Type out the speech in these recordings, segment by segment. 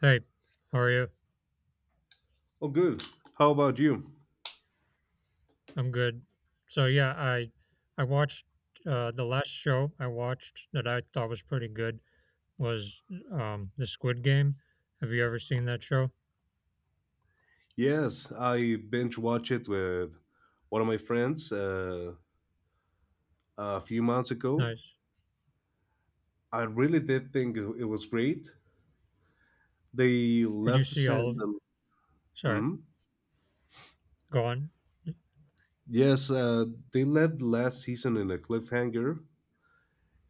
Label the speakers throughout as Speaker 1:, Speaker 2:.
Speaker 1: Hey, how are you?
Speaker 2: Oh, good. How about you?
Speaker 1: I'm good. So I watched the last show I watched that I thought was pretty good was the Squid Game. Have you ever seen that show?
Speaker 2: Yes, I binge watched it with one of my friends a few months ago.
Speaker 1: Nice.
Speaker 2: I really did think it was great. They
Speaker 1: Did you
Speaker 2: left the,
Speaker 1: see
Speaker 2: set.
Speaker 1: all of? Sorry,
Speaker 2: Mhm.
Speaker 1: go on.
Speaker 2: Yes, they left last season in a cliffhanger,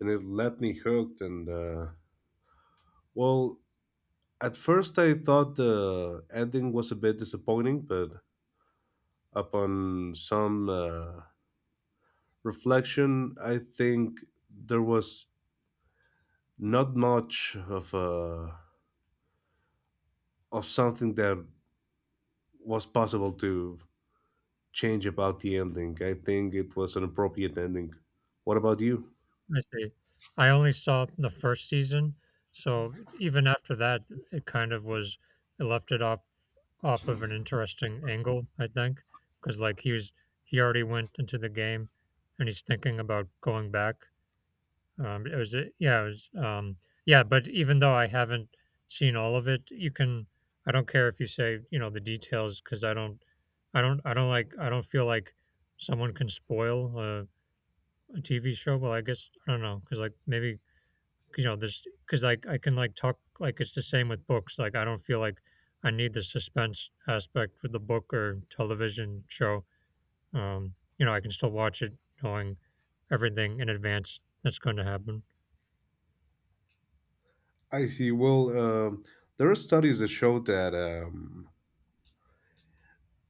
Speaker 2: and it left me hooked. And well, at first I thought the ending was a bit disappointing, but upon some reflection, I think there was not much of a of something that was possible to change about the ending. I think it was an appropriate ending. What about you?
Speaker 1: I see. I only saw the first season, so even after that, it kind of was it left it off off of an interesting angle, I think, because he already went into the game, and he's thinking about going back. It was a yeah, it was yeah, but even though I haven't seen all of it, you can I don't care if you say, you know, the details because I don't feel like someone can spoil a, TV show. Well, I guess I don't know because like maybe 'cause, you know this because like I can like talk like it's the same with books. Like I don't feel like I need the suspense aspect with the book or television show. You know, I can still watch it knowing everything in advance that's going to happen.
Speaker 2: I see. Well, there are studies that show that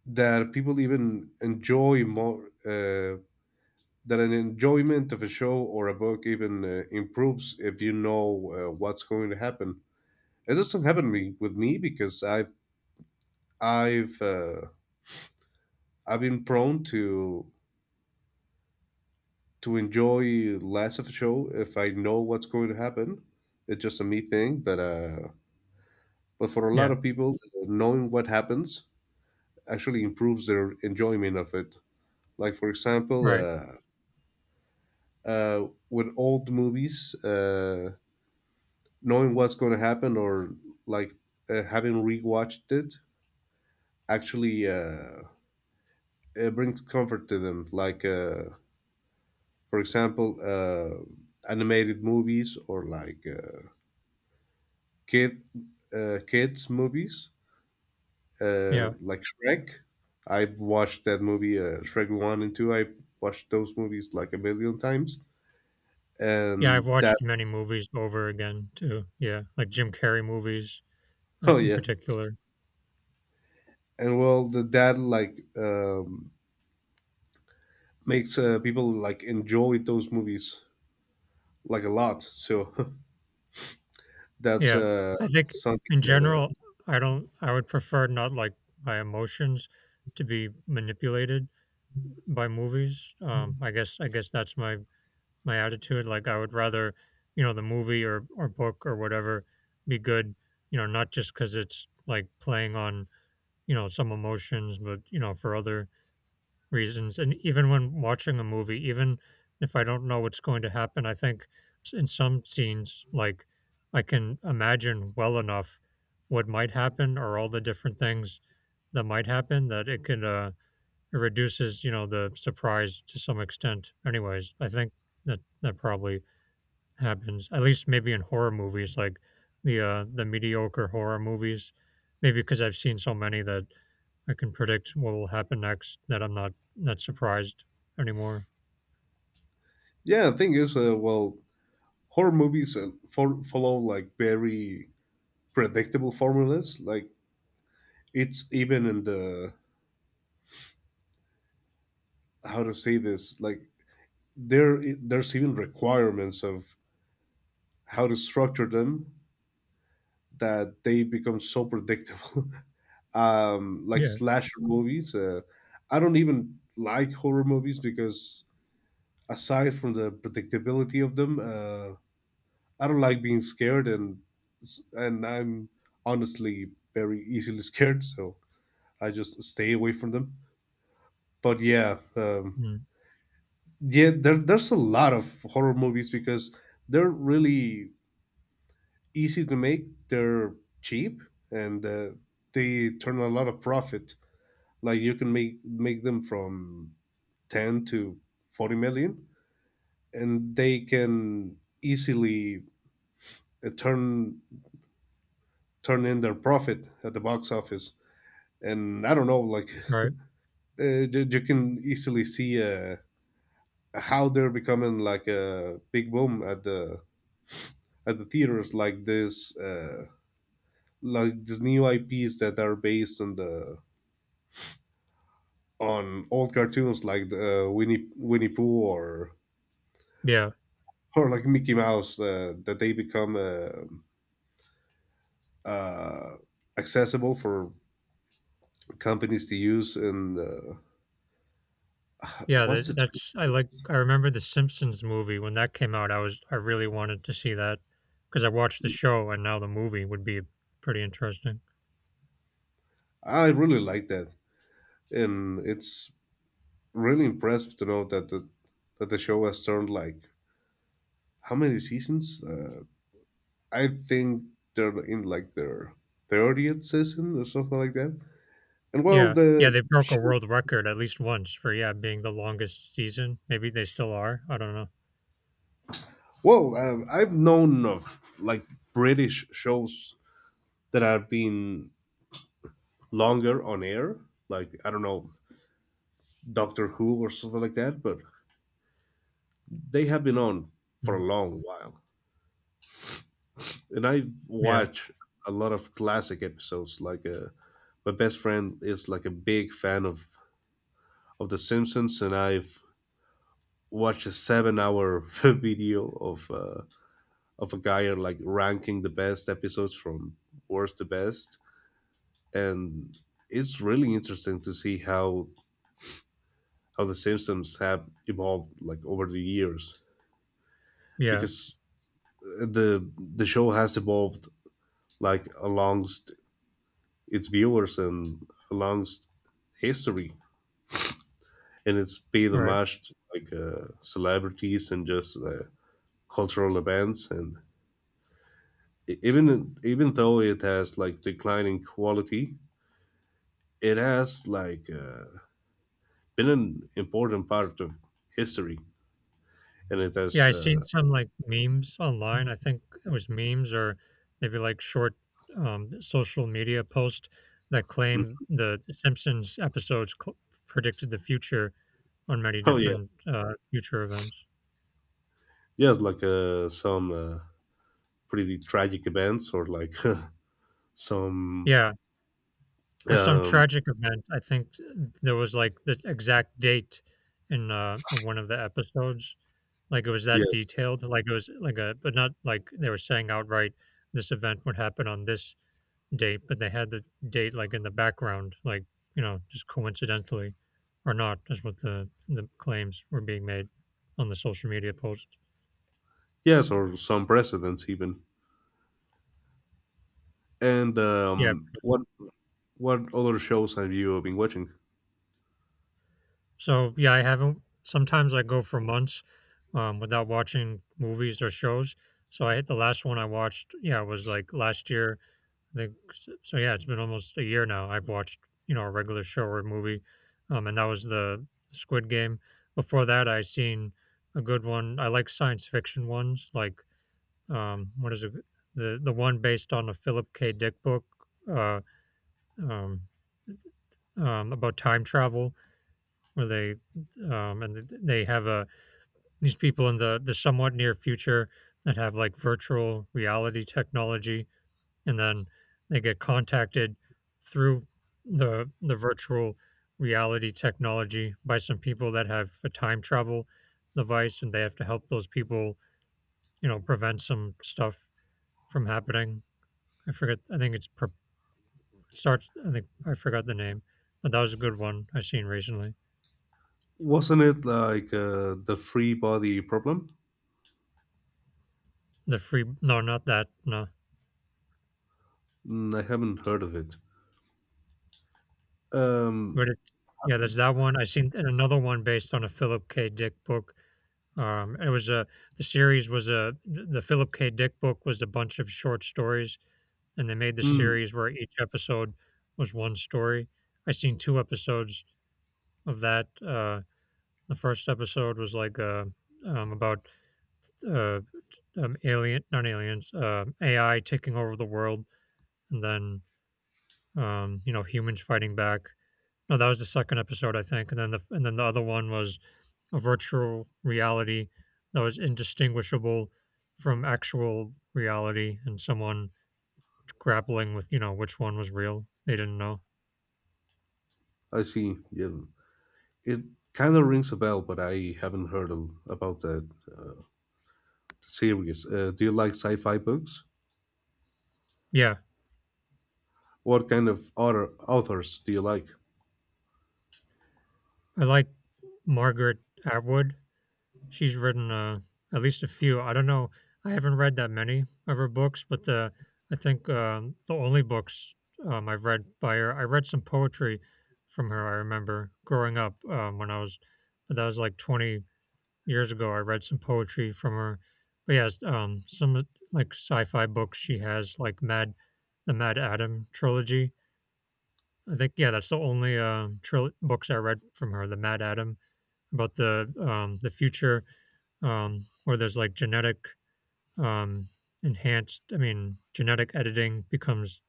Speaker 2: that people even enjoy more. That an enjoyment of a show or a book even improves if you know what's going to happen. It doesn't happen me, with me because I've uh, I've been prone to enjoy less of a show if I know what's going to happen. It's just a me thing, but for a lot
Speaker 1: Yeah,
Speaker 2: of people, knowing what happens actually improves their enjoyment of it. Like for example,
Speaker 1: right.
Speaker 2: with old movies, knowing what's going to happen or like having rewatched it actually, it brings comfort to them. Like for example, animated movies or like. Kid kids movies
Speaker 1: Yeah.
Speaker 2: like Shrek. I've watched that movie Shrek One and Two. I watched those movies like a million times,
Speaker 1: Yeah, I've
Speaker 2: and
Speaker 1: watched
Speaker 2: that
Speaker 1: many movies over again too. Yeah, like Jim Carrey movies,
Speaker 2: oh
Speaker 1: in
Speaker 2: yeah,
Speaker 1: particular.
Speaker 2: and well the dad like makes people like enjoy those movies like a lot. So that's
Speaker 1: Yeah. I think
Speaker 2: something
Speaker 1: in
Speaker 2: that
Speaker 1: general, I would prefer not, like, my emotions to be manipulated by movies. I guess that's my attitude, like, I would rather, you know, the movie or book or whatever be good, you know, not just because it's, like, playing on, you know, some emotions, but, you know, for other reasons. And even when watching a movie, even if I don't know what's going to happen, I think in some scenes, like I can imagine well enough what might happen or all the different things that might happen that it could, it reduces, you know, the surprise to some extent. Anyways, I think that probably happens, at least maybe in horror movies, like the mediocre horror movies. Maybe because I've seen so many that I can predict what will happen next, that I'm not surprised anymore.
Speaker 2: yeah. The thing is, horror movies follow like very predictable formulas. Like it's even in the how to say this like there's even requirements of how to structure them that they become so predictable. Like
Speaker 1: Yeah.
Speaker 2: slasher movies, I don't even like horror movies because aside from the predictability of them, I don't like being scared, and I'm honestly very easily scared, so I just stay away from them. But yeah,
Speaker 1: Mm.
Speaker 2: yeah, there's a lot of horror movies because they're really easy to make. They're cheap, and they turn a lot of profit. Like you can make them from 10 to 40 million, and they can easily uh, turn turn in their profit at the box office. And I don't know, like
Speaker 1: Right.
Speaker 2: you can easily see how they're becoming like a big boom at the theaters, like this, like these new IPs that are based on the on old cartoons like the, Winnie Pooh or
Speaker 1: Yeah.
Speaker 2: or like Mickey Mouse, that they become uh, accessible for companies to use. And
Speaker 1: Yeah.
Speaker 2: what's
Speaker 1: That,
Speaker 2: the term?
Speaker 1: that's I like. I remember the Simpsons movie when that came out. I really wanted to see that because I watched the show and now the movie would be pretty interesting.
Speaker 2: I really like that, and it's really impressive to know that the show has turned like how many seasons? I think they're in like their 30th season or something like that. And well,
Speaker 1: Yeah. Yeah.
Speaker 2: the.
Speaker 1: They broke a world record at least once for yeah being the longest season. Maybe they still are. I don't
Speaker 2: Well, I've known of like British shows that have been longer on air, like I don't know, Doctor Who or something like that, but they have been on for
Speaker 1: know.
Speaker 2: a long while. And I
Speaker 1: Yeah,
Speaker 2: watch a lot of classic episodes. Like my best friend is like a big fan of The Simpsons, and I've watched a 7 hour video of a guy like ranking the best episodes from worst to best, and it's really interesting to see how the Simpsons have evolved like over the years
Speaker 1: yeah,
Speaker 2: because uh, the the show has evolved like amongst its viewers and amongst history, and it's paid
Speaker 1: right.
Speaker 2: homage to like celebrities and just cultural events, and even even though it has like declining quality, it has like been an important part of history, and it
Speaker 1: Yeah,
Speaker 2: has
Speaker 1: I seen some, like, memes online, I think it was memes or maybe, like, short, social media post that claim the Simpsons episodes co predicted the future on many
Speaker 2: oh yeah,
Speaker 1: different, future events.
Speaker 2: yes, like some pretty tragic events, or like some
Speaker 1: Yeah, for some
Speaker 2: um,
Speaker 1: tragic event, I think th there was, like, the exact date in one of the episodes, like, it was that
Speaker 2: yes,
Speaker 1: detailed, like, it was like a but not like they were saying outright, "This event would happen on this date," but they had the date like in the background, like, you know, just coincidentally or not, is what the claims were being made on the social media post.
Speaker 2: yes, or some presidents even. And
Speaker 1: Yeah.
Speaker 2: what other shows have you been watching?
Speaker 1: So yeah, I haven't Sometimes I go for months without watching movies or shows. So I hit the last one I watched, yeah, was like last year I think so, so. Yeah, it's been almost a year now. I've watched you know a regular show or a movie, and that was the Squid Game. Before that, I seen a good one. I like science fiction ones, like what is it? The one based on a Philip K. Dick book, uh, um, about time travel, where they have a these people in the somewhat near future that have like virtual reality technology and then they get contacted through the virtual reality technology by some people that have a time travel device and they have to help those people you know prevent some stuff from happening. I forget I think it's per, Starts I forgot the name, but that was a good one I seen recently.
Speaker 2: Wasn't it like the Free Body Problem?
Speaker 1: The free no not that no
Speaker 2: Mm, I haven't heard of it. Um,
Speaker 1: but it yeah there's that one I seen and another one based on a Philip K. Dick book. It was a the series was a The Philip K. Dick book was a bunch of short stories, and they made the
Speaker 2: hmm,
Speaker 1: series where each episode was one story. I seen two episodes of that. The first episode was like about uh, alien, not aliens, AI taking over the world, and then you know humans fighting back. No, that was the second episode, I think, and then the other one was a virtual reality that was indistinguishable from actual reality and someone grappling with, you know, which one was real. They didn't know.
Speaker 2: I see. Yeah, it kind of rings a bell, but I haven't heard of, about that uh, series. Do you like sci-fi books?
Speaker 1: Yeah,
Speaker 2: What kind of author, authors do you like?
Speaker 1: I like Margaret Atwood. She's written at least a few. I don't know. I haven't read that many of her books, but the I think the only books I've read by her. I read some poetry from her. I remember growing up when I was, but that was like 20, years ago, I read some poetry from her. But yes, some of- like sci-fi books she has, the Mad Adam trilogy. I think yeah, that's the only books I read from her. The Mad Adam about the future, where there's like genetic um, enhanced. I mean, genetic editing becomes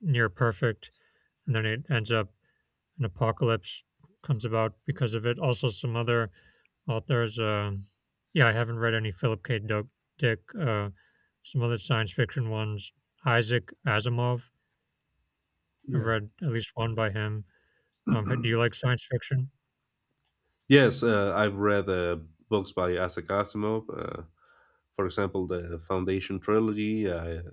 Speaker 1: near perfect, and then it ends up an apocalypse comes about because of it. Also, some other authors, yeah, I haven't read any Philip K. Doak Dick. Some other science fiction ones, Isaac Asimov. I've
Speaker 2: Yeah.
Speaker 1: read at least one by him. Do you like science fiction?
Speaker 2: Yes, I've read books by Isaac Asimov. For example, the Foundation trilogy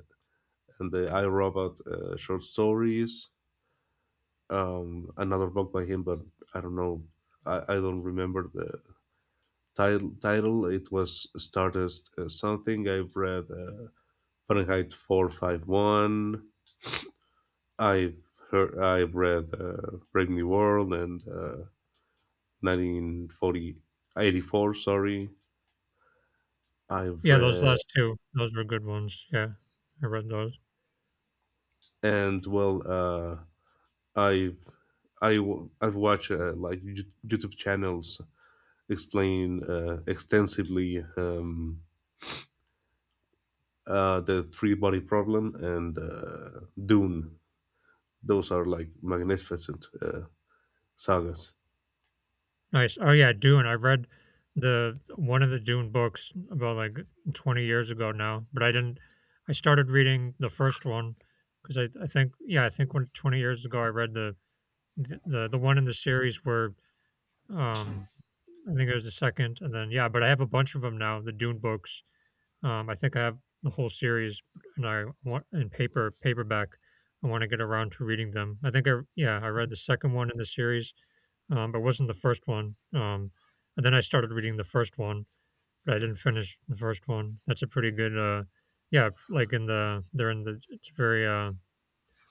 Speaker 2: and the I Robot short stories. Another book by him, but I don't know. I don't remember the title. Title. It was Stardust something. I've read Fahrenheit 451. I've heard. I've read Brave New World and Nineteen forty eighty four. Sorry, I've
Speaker 1: Yeah, those
Speaker 2: read
Speaker 1: last two. Those were good ones. Yeah, I read those.
Speaker 2: and well i've I've watched uh, YouTube channels explain extensively, the three body problem and Dune. Those are like magnificent sagas.
Speaker 1: Nice. Oh yeah, Dune. I read the one of the Dune books about like 20 years ago now, but I didn't. I started reading the first one because I think when 20 years ago I read the one in the series where. Um, I think there's a second, and then yeah, but I have a bunch of them now. The Dune books. I think I have the whole series, and I want in paperback. I want to get around to reading them. I think I yeah I read the second one in the series, but wasn't the first one. And then I started reading the first one, but I didn't finish the first one. That's a pretty good yeah, like in the they're in the it's very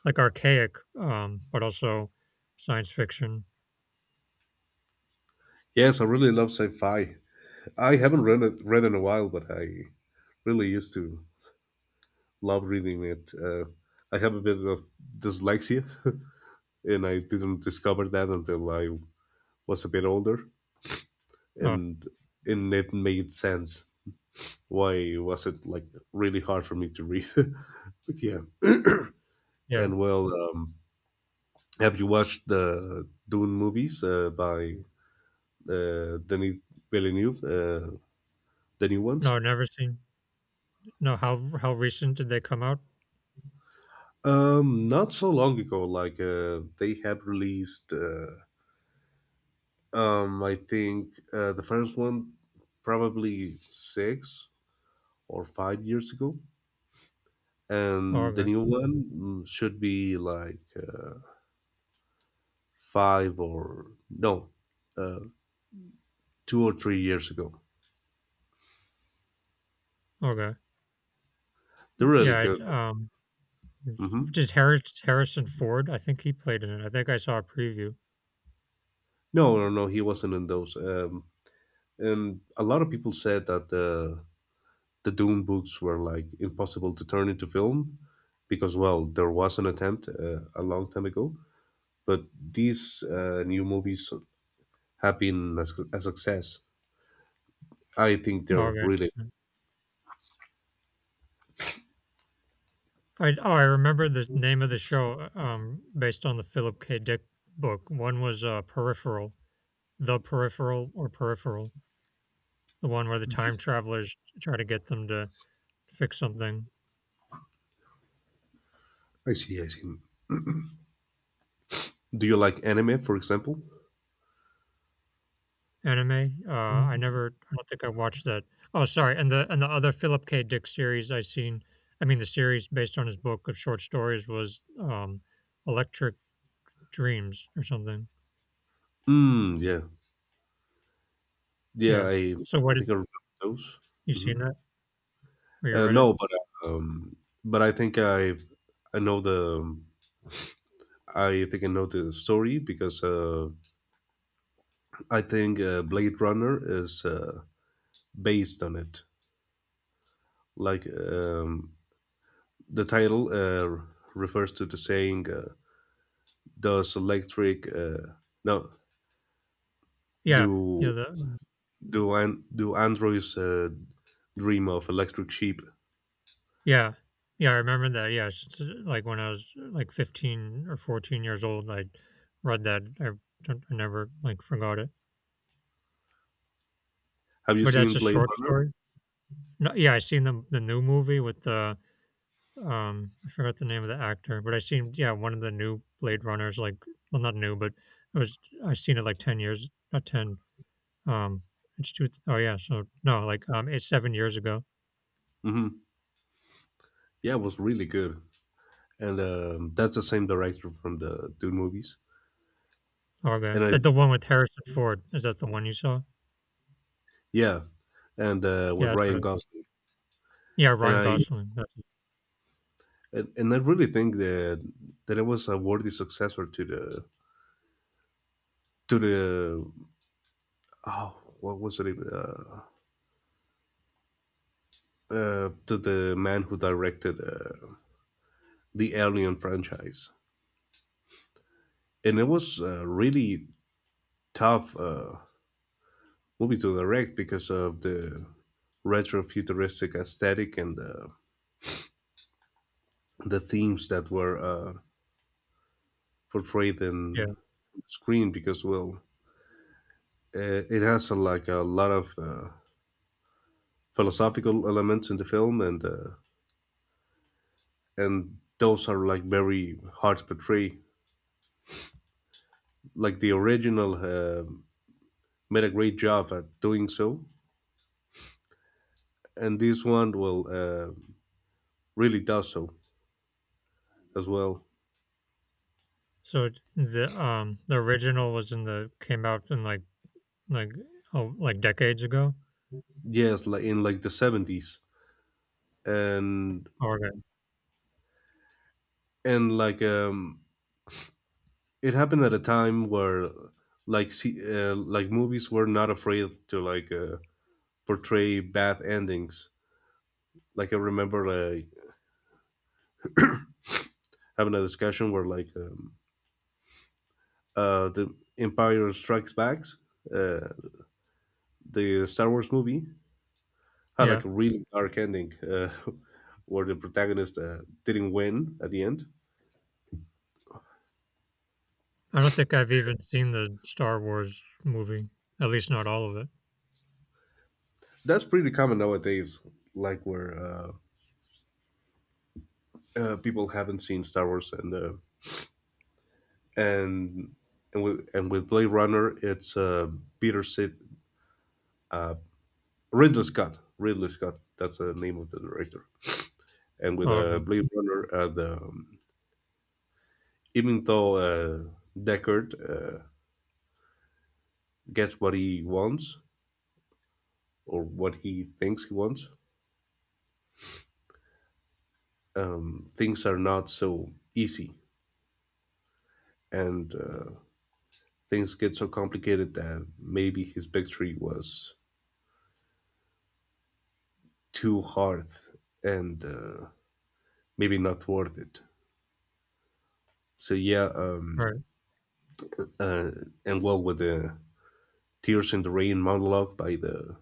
Speaker 1: like archaic but also science fiction.
Speaker 2: Yes, I really love sci-fi. I haven't read in a while, but I really used to love reading it. I have a bit of dyslexia, and I didn't discover that until I was a bit older,
Speaker 1: Oh
Speaker 2: and it made sense. Why was it like really hard for me to read? But yeah,
Speaker 1: yeah,
Speaker 2: and well, have you watched the Dune movies by Denis Villeneuve, the new
Speaker 1: no,
Speaker 2: ones?
Speaker 1: I've never seen. No, how recent did they come out?
Speaker 2: Not so long ago. Like they have released. I think the first one probably 6 or 5 years ago,
Speaker 1: Oh,
Speaker 2: and the
Speaker 1: okay,
Speaker 2: new one, mm, should be like five or no, uh, 2 or 3 years ago.
Speaker 1: okay,
Speaker 2: They're really
Speaker 1: yeah. I'd,
Speaker 2: good. Hmm.
Speaker 1: just Harris Harrison Ford. I think he played in it. I think I saw a preview.
Speaker 2: No, no, no, he wasn't in those. And a lot of people said that the Doom books were like impossible to turn into film because, well, there was an attempt a long time ago, but these new movies have been a, a success. I think
Speaker 1: Oh,
Speaker 2: they're
Speaker 1: okay,
Speaker 2: really.
Speaker 1: I remember the name of the show. Based on the Philip K. Dick book. One was Peripheral, The Peripheral or Peripheral, the one where the time travelers try to get them to fix something.
Speaker 2: I see. I see. Do you like anime, for example?
Speaker 1: Anime? I don't think I watched that. Oh, sorry, and the other Philip K. Dick series I seen I mean, the series based on his book of short stories was, Electric Dreams or something.
Speaker 2: Mm, yeah, yeah.
Speaker 1: Yeah. So what
Speaker 2: I think
Speaker 1: did
Speaker 2: I remember those.
Speaker 1: you
Speaker 2: Hmm.
Speaker 1: seen that? Or you read it?
Speaker 2: No, um, but I think I know the I think I know the story because I think Blade Runner is based on it. Like the title refers to the saying, "Does electric no
Speaker 1: Yeah. Yeah,
Speaker 2: do
Speaker 1: the
Speaker 2: do androids dream of electric sheep?"
Speaker 1: yeah. Yeah, I remember that, yeah, s s like, when I was, like, 15 or 14 years old, I read that. I never, like, forgot it.
Speaker 2: Have you
Speaker 1: But that's
Speaker 2: seen
Speaker 1: a
Speaker 2: Blade
Speaker 1: short
Speaker 2: Runner?
Speaker 1: story? No yeah, I seen the new movie with the I forgot the name of the actor, but I seen yeah, one of the new Blade Runners, like well not new, but it was I seen it like ten years not ten. Um it's two oh yeah, so no, like it's 7 years ago.
Speaker 2: Hmm. Yeah, it was really good. And that's the same director from the Dune movies.
Speaker 1: Oh, okay.
Speaker 2: And
Speaker 1: That the one with Harrison Ford. Is that the one you saw?
Speaker 2: yeah, and
Speaker 1: Yeah,
Speaker 2: with
Speaker 1: that's what
Speaker 2: Ryan
Speaker 1: it
Speaker 2: Gosling,
Speaker 1: Yeah,
Speaker 2: and
Speaker 1: Ryan
Speaker 2: I
Speaker 1: Gosling. That's
Speaker 2: and I really think that that it was a worthy successor to the to the, oh what was it even, to the man who directed the Alien franchise, and it was a really tough movie to direct because of the retro futuristic aesthetic and the themes that were portrayed
Speaker 1: yeah.
Speaker 2: in screen because well, it has like a lot of philosophical elements in the film, and those are like very hard to portray. Like the original made a great job at doing so, and this one well, really does so as well.
Speaker 1: So the original was in the came out in like oh like decades ago.
Speaker 2: Yes, like in like the 70s, and
Speaker 1: Oh, okay.
Speaker 2: like it happened at a time where like see, like movies were not afraid to like portray bad endings, like I remember like having a discussion where like the Empire Strikes Back, uh, the Star Wars movie, had
Speaker 1: Yeah.
Speaker 2: like a really dark ending, where the protagonist didn't win at the end.
Speaker 1: I don't think I've even seen the Star Wars movie. At least not all of it.
Speaker 2: That's pretty common nowadays, like where people haven't seen Star Wars, and and and with Blade Runner, it's Peter Sid Ridley Scott. Ridley Scott. That's the name of the director. And with
Speaker 1: Oh, okay.
Speaker 2: Blade Runner, the even though Deckard gets what he wants or what he thinks he wants, things are not so easy, and things get so complicated that maybe his victory was too hard, and maybe not worth it. So yeah,
Speaker 1: Right.
Speaker 2: uh, and well, with the tears in the rain monologue by the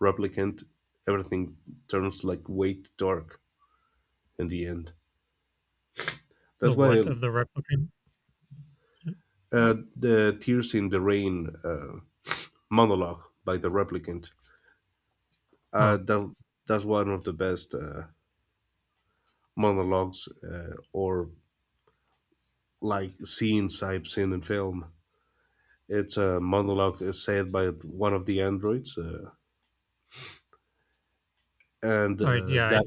Speaker 2: replicant, everything turns like way dark in the end.
Speaker 1: The
Speaker 2: That's why
Speaker 1: what of the replicant?
Speaker 2: the Tears in the Rain monologue by the replicant. Uh,
Speaker 1: Oh,
Speaker 2: that, that's one of the best monologues or like scenes I've seen in film. It's a monologue said by one of the androids, and
Speaker 1: I yeah,
Speaker 2: that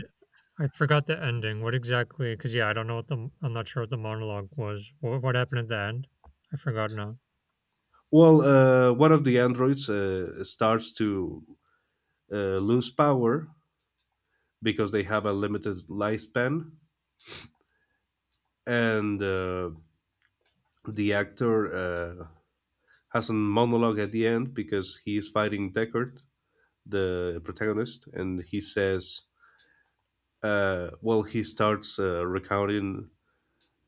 Speaker 1: I forgot the ending. What exactly? Because yeah, I don't know what the I'm not sure what the monologue was. What happened at the end? I forgot now.
Speaker 2: one of the androids starts to lose power because they have a limited lifespan, and the actor uh, has a monologue at the end because he is fighting Deckard, the protagonist, and he says, he starts recounting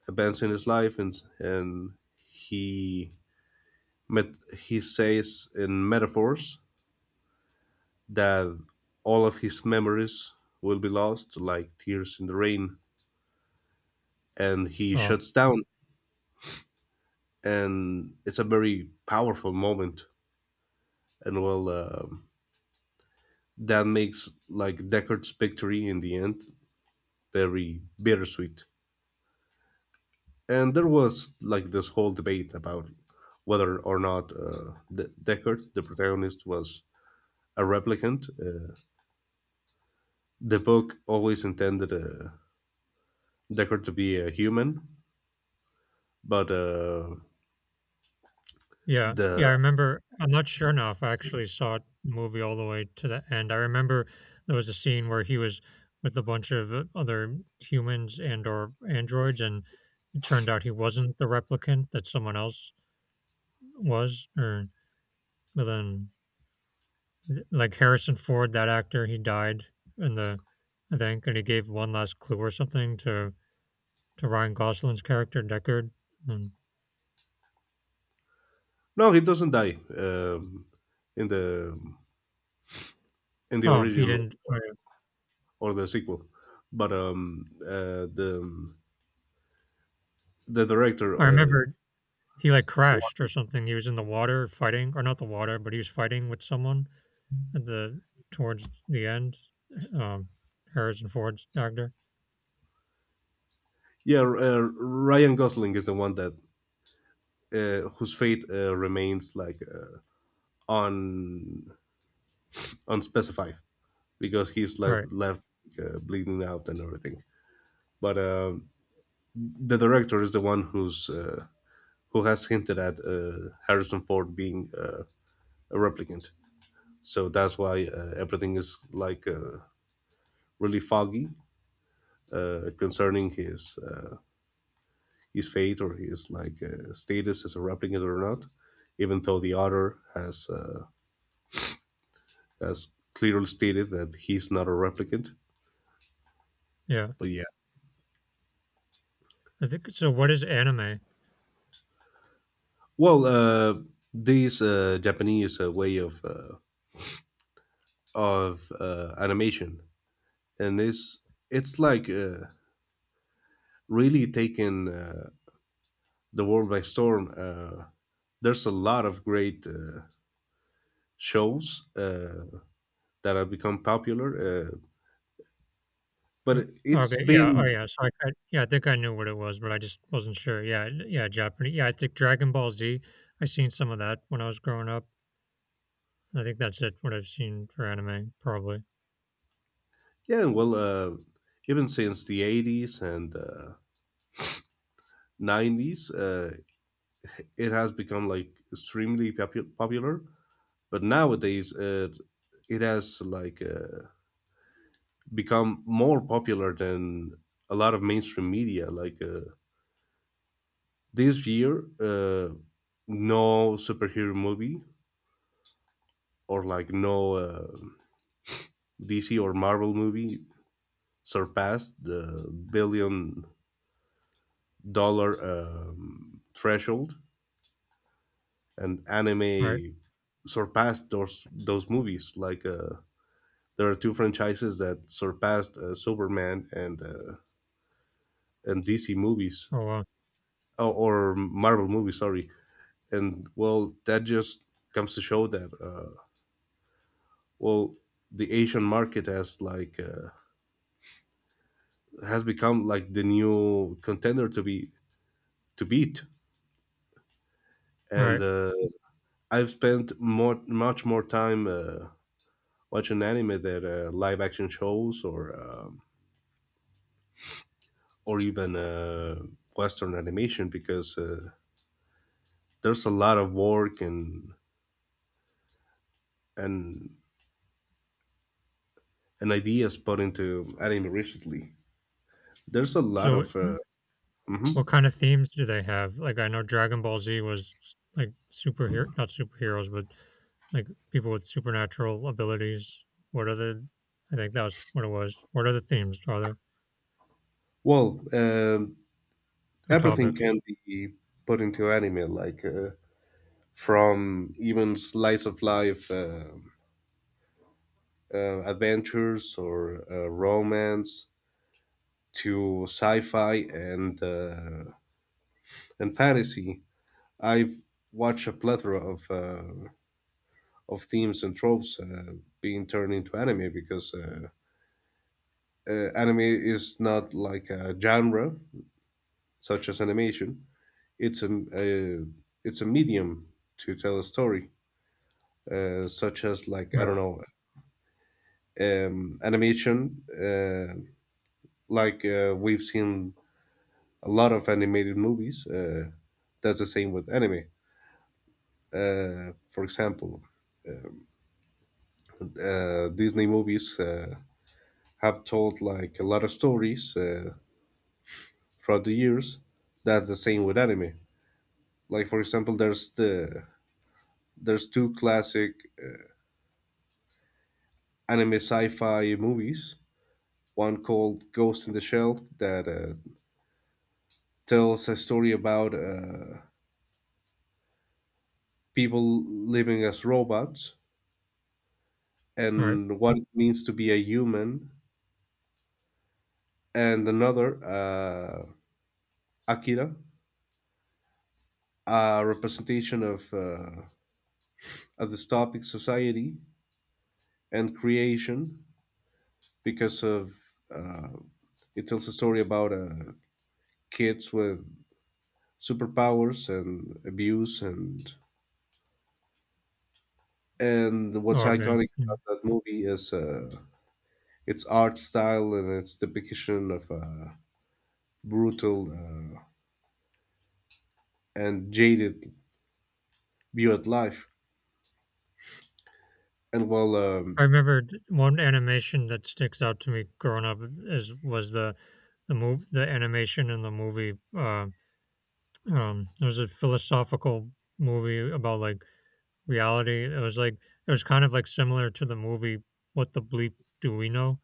Speaker 2: events in his life, and he met he says in metaphors that all of his memories will be lost, like tears in the rain, and he
Speaker 1: Oh
Speaker 2: shuts down, and it's a very powerful moment, and that makes like Deckard's victory in the end very bittersweet. And there was like this whole debate about whether or not Deckard, the protagonist, was a replicant. The book always intended Deckard to be a human, but
Speaker 1: yeah, yeah.
Speaker 2: the
Speaker 1: I remember. I'm not sure now if I actually saw the movie all the way to the end. I remember there was a scene where he was with a bunch of other humans and or androids, and it turned out he wasn't the replicant. That someone else was, or but then like Harrison Ford, that actor, he died in the I think, and he gave one last clue or something to Ryan Gosling's character Deckard. And
Speaker 2: no, he doesn't die in the
Speaker 1: oh, he
Speaker 2: original
Speaker 1: didn't.
Speaker 2: or the sequel. But the director,
Speaker 1: I remember he like crashed or something. He was in the water fighting, or not the water, but he was fighting with someone at the towards the end. Um, Harrison Ford's actor,
Speaker 2: yeah, Ryan Gosling is the one that whose fate remains like. On on specify because
Speaker 1: right?
Speaker 2: left bleeding out and everything. But the director is the one who's who has hinted at Harrison Ford being a replicant. So that's why everything is like really foggy concerning his fate or his like status as a replicant or not. Even though the author has has clearly stated that he's not a replicant,
Speaker 1: Yeah,
Speaker 2: but yeah,
Speaker 1: I think so. What is anime?
Speaker 2: Well, uh, these Japanese way of animation, and it's like really taken the world by storm. There's a lot of great shows that have become popular,
Speaker 1: Mm.
Speaker 2: but
Speaker 1: Okay,
Speaker 2: it's
Speaker 1: yeah, oh,
Speaker 2: been
Speaker 1: yeah, so I yeah, I think I knew what it was, but I just wasn't sure. Yeah, n yeah, Japanese yeah, I think Dragon Ball Z, I seen some of that when I was growing up. I think that's it, what I've seen for anime, probably,
Speaker 2: yeah, even since the '80s and '90s, it has become like extremely popular. But nowadays, it has like become more popular than a lot of mainstream media. Like this year, no superhero movie or like no DC or Marvel movie surpassed the billion-dollar threshold, and
Speaker 1: right?
Speaker 2: anime surpassed those movies. Like there are two franchises that surpassed Superman and DC movies
Speaker 1: Oh, wow,
Speaker 2: oh, or Marvel movies. Sorry, and well that just comes to show that well the asian market has like has become like the new contender to be to beat and
Speaker 1: right.
Speaker 2: I've spent more much more time watching anime than live action shows or or even western animation because there's a lot of work and and and ideas put into anime recently. There's a lot
Speaker 1: So,
Speaker 2: of
Speaker 1: n what
Speaker 2: mhm.
Speaker 1: kind of themes do they have? Like, I know Dragon Ball Z was s like, superher not superheroes, but, like, people with supernatural abilities. What other I think that was what it was. What other themes are there
Speaker 2: well um
Speaker 1: or
Speaker 2: everything
Speaker 1: topics?
Speaker 2: can be put into anime, like from even slice of life adventures or romance to sci-fi and and fantasy. I've watched a plethora of themes and tropes being turned into anime because. Anime is not like a genre such as animation. It's a, a it's a medium to tell a story such as like I
Speaker 1: Right,
Speaker 2: don't know animation. We've seen a lot of animated movies. That's the same with anime. For example, Disney movies have told like a lot of stories throughout the years. That's the same with anime. Like for example, there's two classic anime sci-fi movies. One called Ghost in the Shell that tells a story about people living as robots
Speaker 1: right.
Speaker 2: and what it means to be a human, and another, Akira, a representation of, a dystopic society and creation because of uh, it tells a story about kids with superpowers and abuse and what's
Speaker 1: Oh, okay,
Speaker 2: iconic
Speaker 1: yeah.
Speaker 2: about that movie is its art style and its depiction of brutal and jaded view at life. And well,
Speaker 1: I remember d- one animation that sticks out to me growing up is was the move the animation in the movie. It was a philosophical movie about like reality. It was like it was kind of like similar to the movie "What the Bleep Do We Know."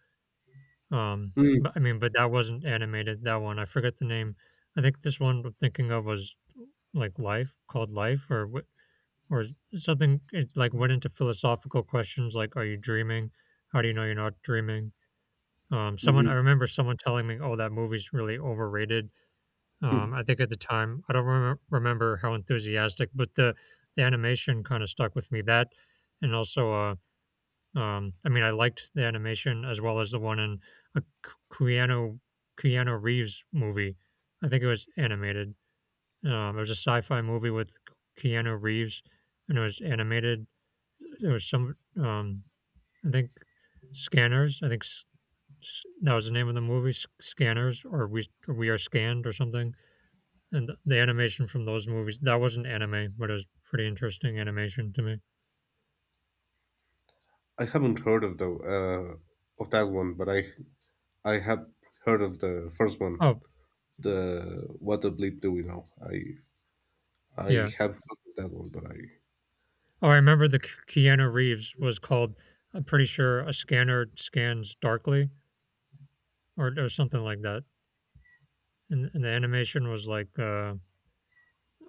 Speaker 1: Um,
Speaker 2: mm,
Speaker 1: but I mean, but that wasn't animated. That one I forget the name. I think this one I'm thinking of was like Life, called Life, or what, or something. It like went into philosophical questions like, "Are you dreaming? How do you know you're not dreaming?" Someone I
Speaker 2: mhm,
Speaker 1: remember someone telling me, "Oh, that movie's really overrated."
Speaker 2: mm.
Speaker 1: I think at the time, I don't remember how enthusiastic, but the animation kind of stuck with me. That and also, I mean, I liked the animation as well as the one in a Keanu Reeves movie. I think it was animated. It was a sci-fi movie with Keanu Reeves, and it was animated. There was some, I think, Scanners. I think S- That was the name of the movie, S- Scanners, or we are scanned, or something. And the animation from those movies that wasn't anime, but it was pretty interesting animation to me.
Speaker 2: I haven't heard of the of that one, but I have heard of the first one.
Speaker 1: Oh
Speaker 2: The what the bleep do we know? I
Speaker 1: yeah.
Speaker 2: have heard of that one, but I
Speaker 1: Oh, I remember the K- Keanu Reeves was called. I'm pretty sure a scanner scans darkly, or something like that. And the animation was like, uh,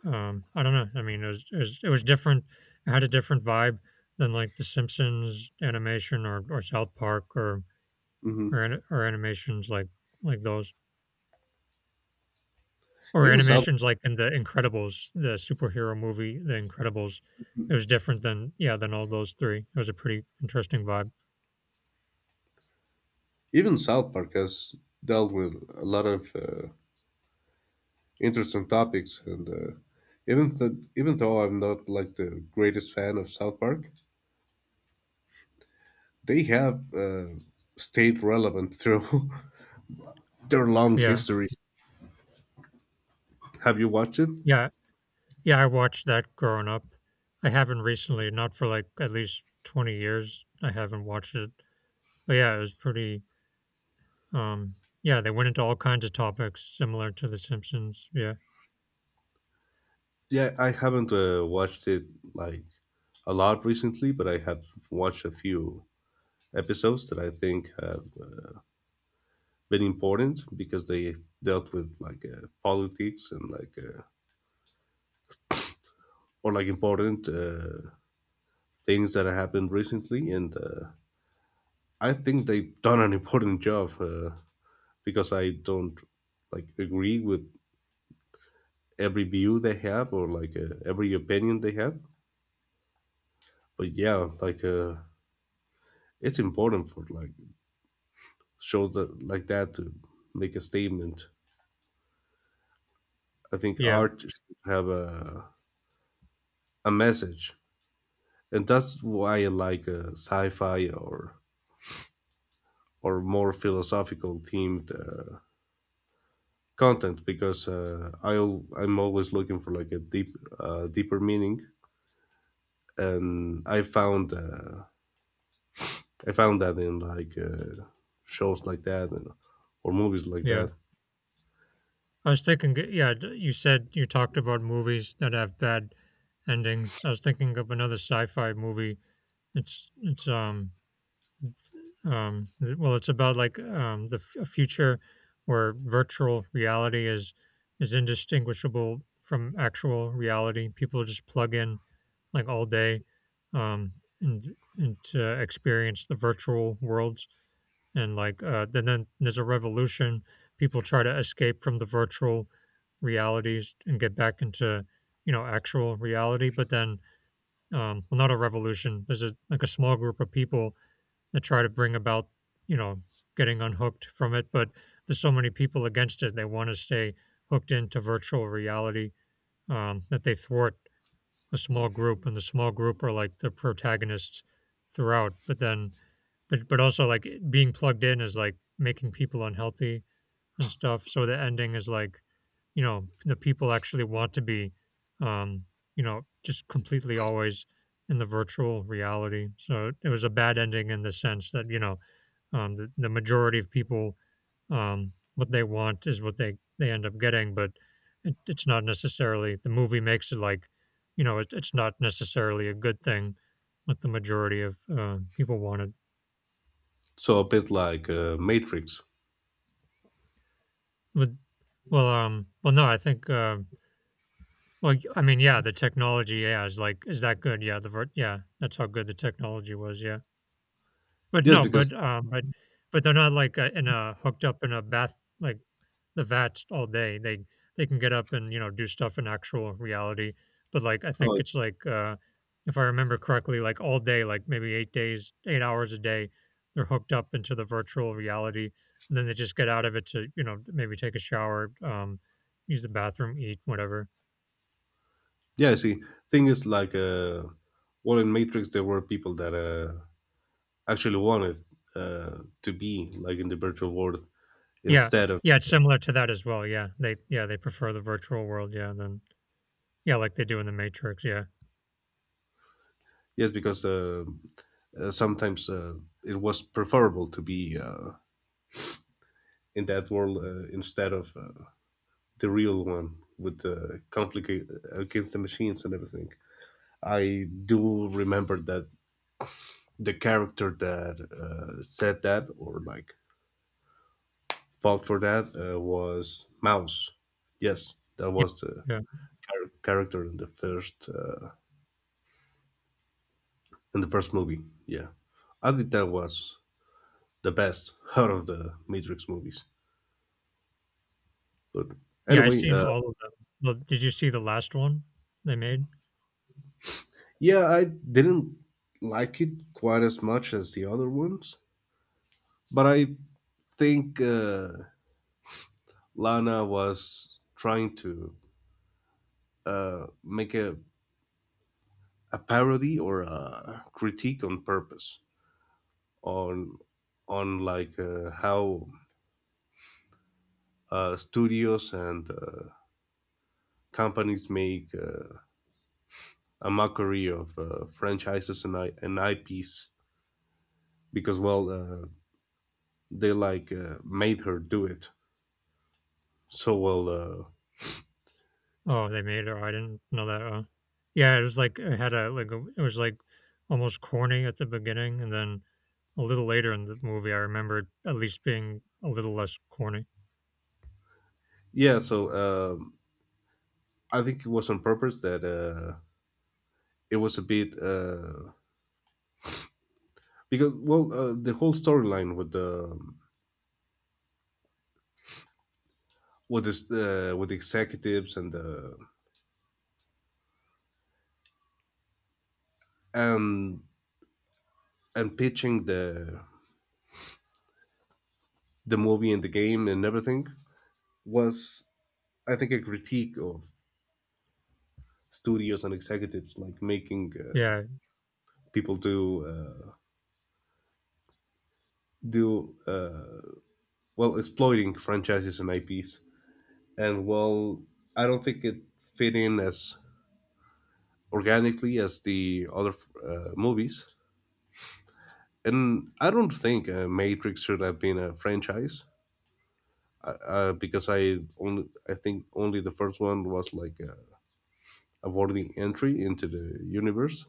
Speaker 1: um, I don't know. I mean, it was, it was different. It had a different vibe than like the Simpsons animation or South Park
Speaker 2: mhm.
Speaker 1: or, an- or animations like those. Or
Speaker 2: even South
Speaker 1: animations like in The Incredibles, the superhero movie, The Incredibles. It was different than yeah, than all those 3. It was a pretty interesting vibe.
Speaker 2: Even South Park has dealt with a lot of interesting topics, and even though I'm not like the greatest fan of South Park, they have stayed relevant through their long
Speaker 1: Yeah.
Speaker 2: history. Have you watched it?
Speaker 1: Yeah. Yeah, I watched that growing up. I haven't recently, not for like at least 20 years, I haven't watched it. But yeah, it was pretty um yeah, they went into all kinds of topics similar to The Simpsons. Yeah.
Speaker 2: Yeah, I haven't watched it like a lot recently, but I have watched a few episodes that I think have been important because they dealt with like politics and like or like important things that have happened recently, and I think they've done an important job because I don't like agree with every view they have or like every opinion they have, but yeah, like it's important for like shows that like that to make a statement. I think
Speaker 1: Yeah.
Speaker 2: art should have a message, and that's why I like sci-fi or more philosophical themed content because I'm always looking for like a deep deeper meaning, and I found that in like shows like that and, or movies like
Speaker 1: Yeah.
Speaker 2: that.
Speaker 1: I was thinking g yeah, d you said you talked about movies that have bad endings. I was thinking of another sci-fi movie It's it's, um th well, it's about, like, the f a future where virtual reality is indistinguishable from actual reality. People just plug in, like, all day, um, and to experience the virtual worlds, and, like, then there's a revolution. People try to escape from the virtual realities and get back into, you know, actual reality, but then, well, not a revolution. There's a like, a small group of people that try to bring about, you know, getting unhooked from it. But there's so many people against it. They want to stay hooked into virtual reality that they thwart the small group, and the small group are like the protagonists throughout. But then, but also like being plugged in is like making people unhealthy and stuff. So the ending is like, you know, the people actually want to be, um, you know, just completely always in the virtual reality. So it was a bad ending in the sense that you know, the majority of people, what they want is what they end up getting, but it, it's not necessarily the movie makes it like, you know, it, it's not necessarily a good thing. What the majority of people wanted
Speaker 2: So a bit like Matrix,
Speaker 1: with well, well, no, I think well, y I mean, yeah, the technology, yeah, is like, is that good? Yeah, the ver yeah, that's how good the technology was, yeah. But
Speaker 2: just
Speaker 1: no,
Speaker 2: because.
Speaker 1: but they're not like, in a hooked up in a bath like, the vats all day. They can get up and, you know, do stuff in actual reality. But, like, I think
Speaker 2: Oh,
Speaker 1: it's like, if I remember correctly, like, all day, like, maybe 8 days, 8 hours a day, they're hooked up into the virtual reality, and then they just get out of it to, you know, maybe take a shower, use the bathroom, eat, whatever.
Speaker 2: yeah, see. Thing is, like, in Matrix, there were people that actually wanted to be like in the virtual world
Speaker 1: Yeah.
Speaker 2: instead of
Speaker 1: Yeah, it's similar to that as well, yeah. They yeah, they prefer the virtual world, yeah, then yeah, like they do in The Matrix, yeah.
Speaker 2: yes, because sometimes it was preferable to be in that world instead of the real one with the conflict against the machines and everything. I do remember that the character that said that, or like fault for that was Mouse. Yes, that
Speaker 1: Yeah,
Speaker 2: was the
Speaker 1: yeah.
Speaker 2: character in the first in the first movie. Yeah, I think that was the best out of the Matrix movies. But
Speaker 1: Yeah, I've
Speaker 2: anyway,
Speaker 1: seen all of them. Well, did you see the last one they made?
Speaker 2: yeah, I didn't like it quite as much as the other ones, but I think Lana was trying to make a parody or a critique on purpose on on like how studios and companies make a mockery of franchises , and IPs because, they like made her do it. So,
Speaker 1: Oh, they made it? Oh, I didn't know that, oh. Yeah, it was like it had a like, a it was, like, almost corny at the beginning, and then a little later in the movie, I remembered at least being a little less corny.
Speaker 2: yeah, I think it was on purpose that it was a bit. The whole storyline with the with this with the executives and the and and pitching the movie and the game and everything was I think a critique of studios and executives like making
Speaker 1: Yeah.
Speaker 2: people do do well exploiting franchises and IPs. And well, I don't think it fit in as organically as the other movies. And I don't think Matrix should have been a franchise because I think only the first one was like a worthy entry into the universe.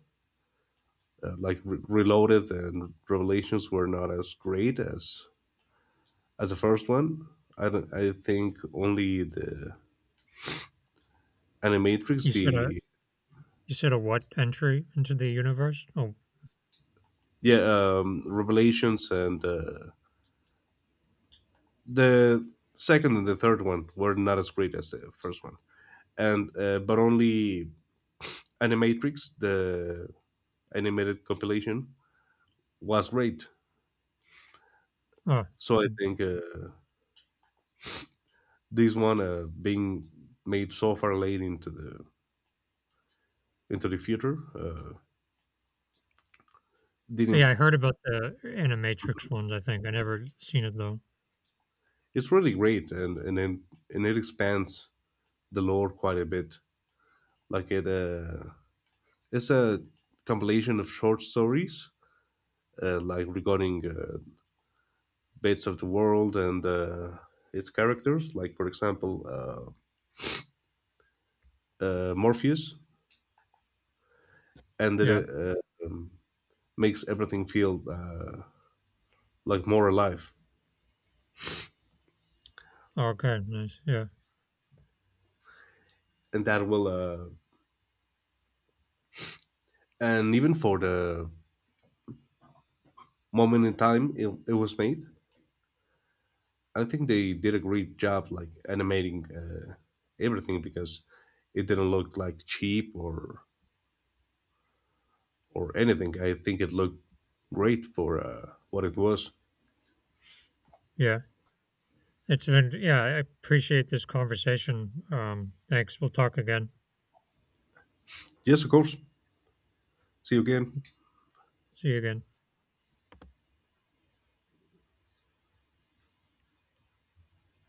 Speaker 2: Reloaded and Revelations were not as great as the first one. I don't, I think only the
Speaker 1: You
Speaker 2: Animatrix,
Speaker 1: said a
Speaker 2: the
Speaker 1: you said a what entry into the universe? Oh,
Speaker 2: yeah, Revelations and the second and the third one were not as great as the first one. And but only Animatrix, the animated compilation, was great.
Speaker 1: oh.
Speaker 2: So I think this one being made so far late into the future
Speaker 1: Yeah, I
Speaker 2: didn't.
Speaker 1: heard about the Animatrix ones, I think. I never seen it though.
Speaker 2: It's really great, and it expands the lore quite a bit. Like it, uh, it's a compilation of short stories, like regarding bits of the world and its characters. Like for example, Morpheus, and
Speaker 1: Yeah.
Speaker 2: it makes everything feel like more alive.
Speaker 1: Oh, okay, nice. Yeah.
Speaker 2: And that will, uh, and even for the moment in time it was made, I think they did a great job like animating everything because it didn't look like cheap or anything. I think it looked great for what it was.
Speaker 1: Yeah. It's been yeah, I appreciate this conversation. Thanks. We'll talk again.
Speaker 2: Yes, of course. See you again.
Speaker 1: See you again.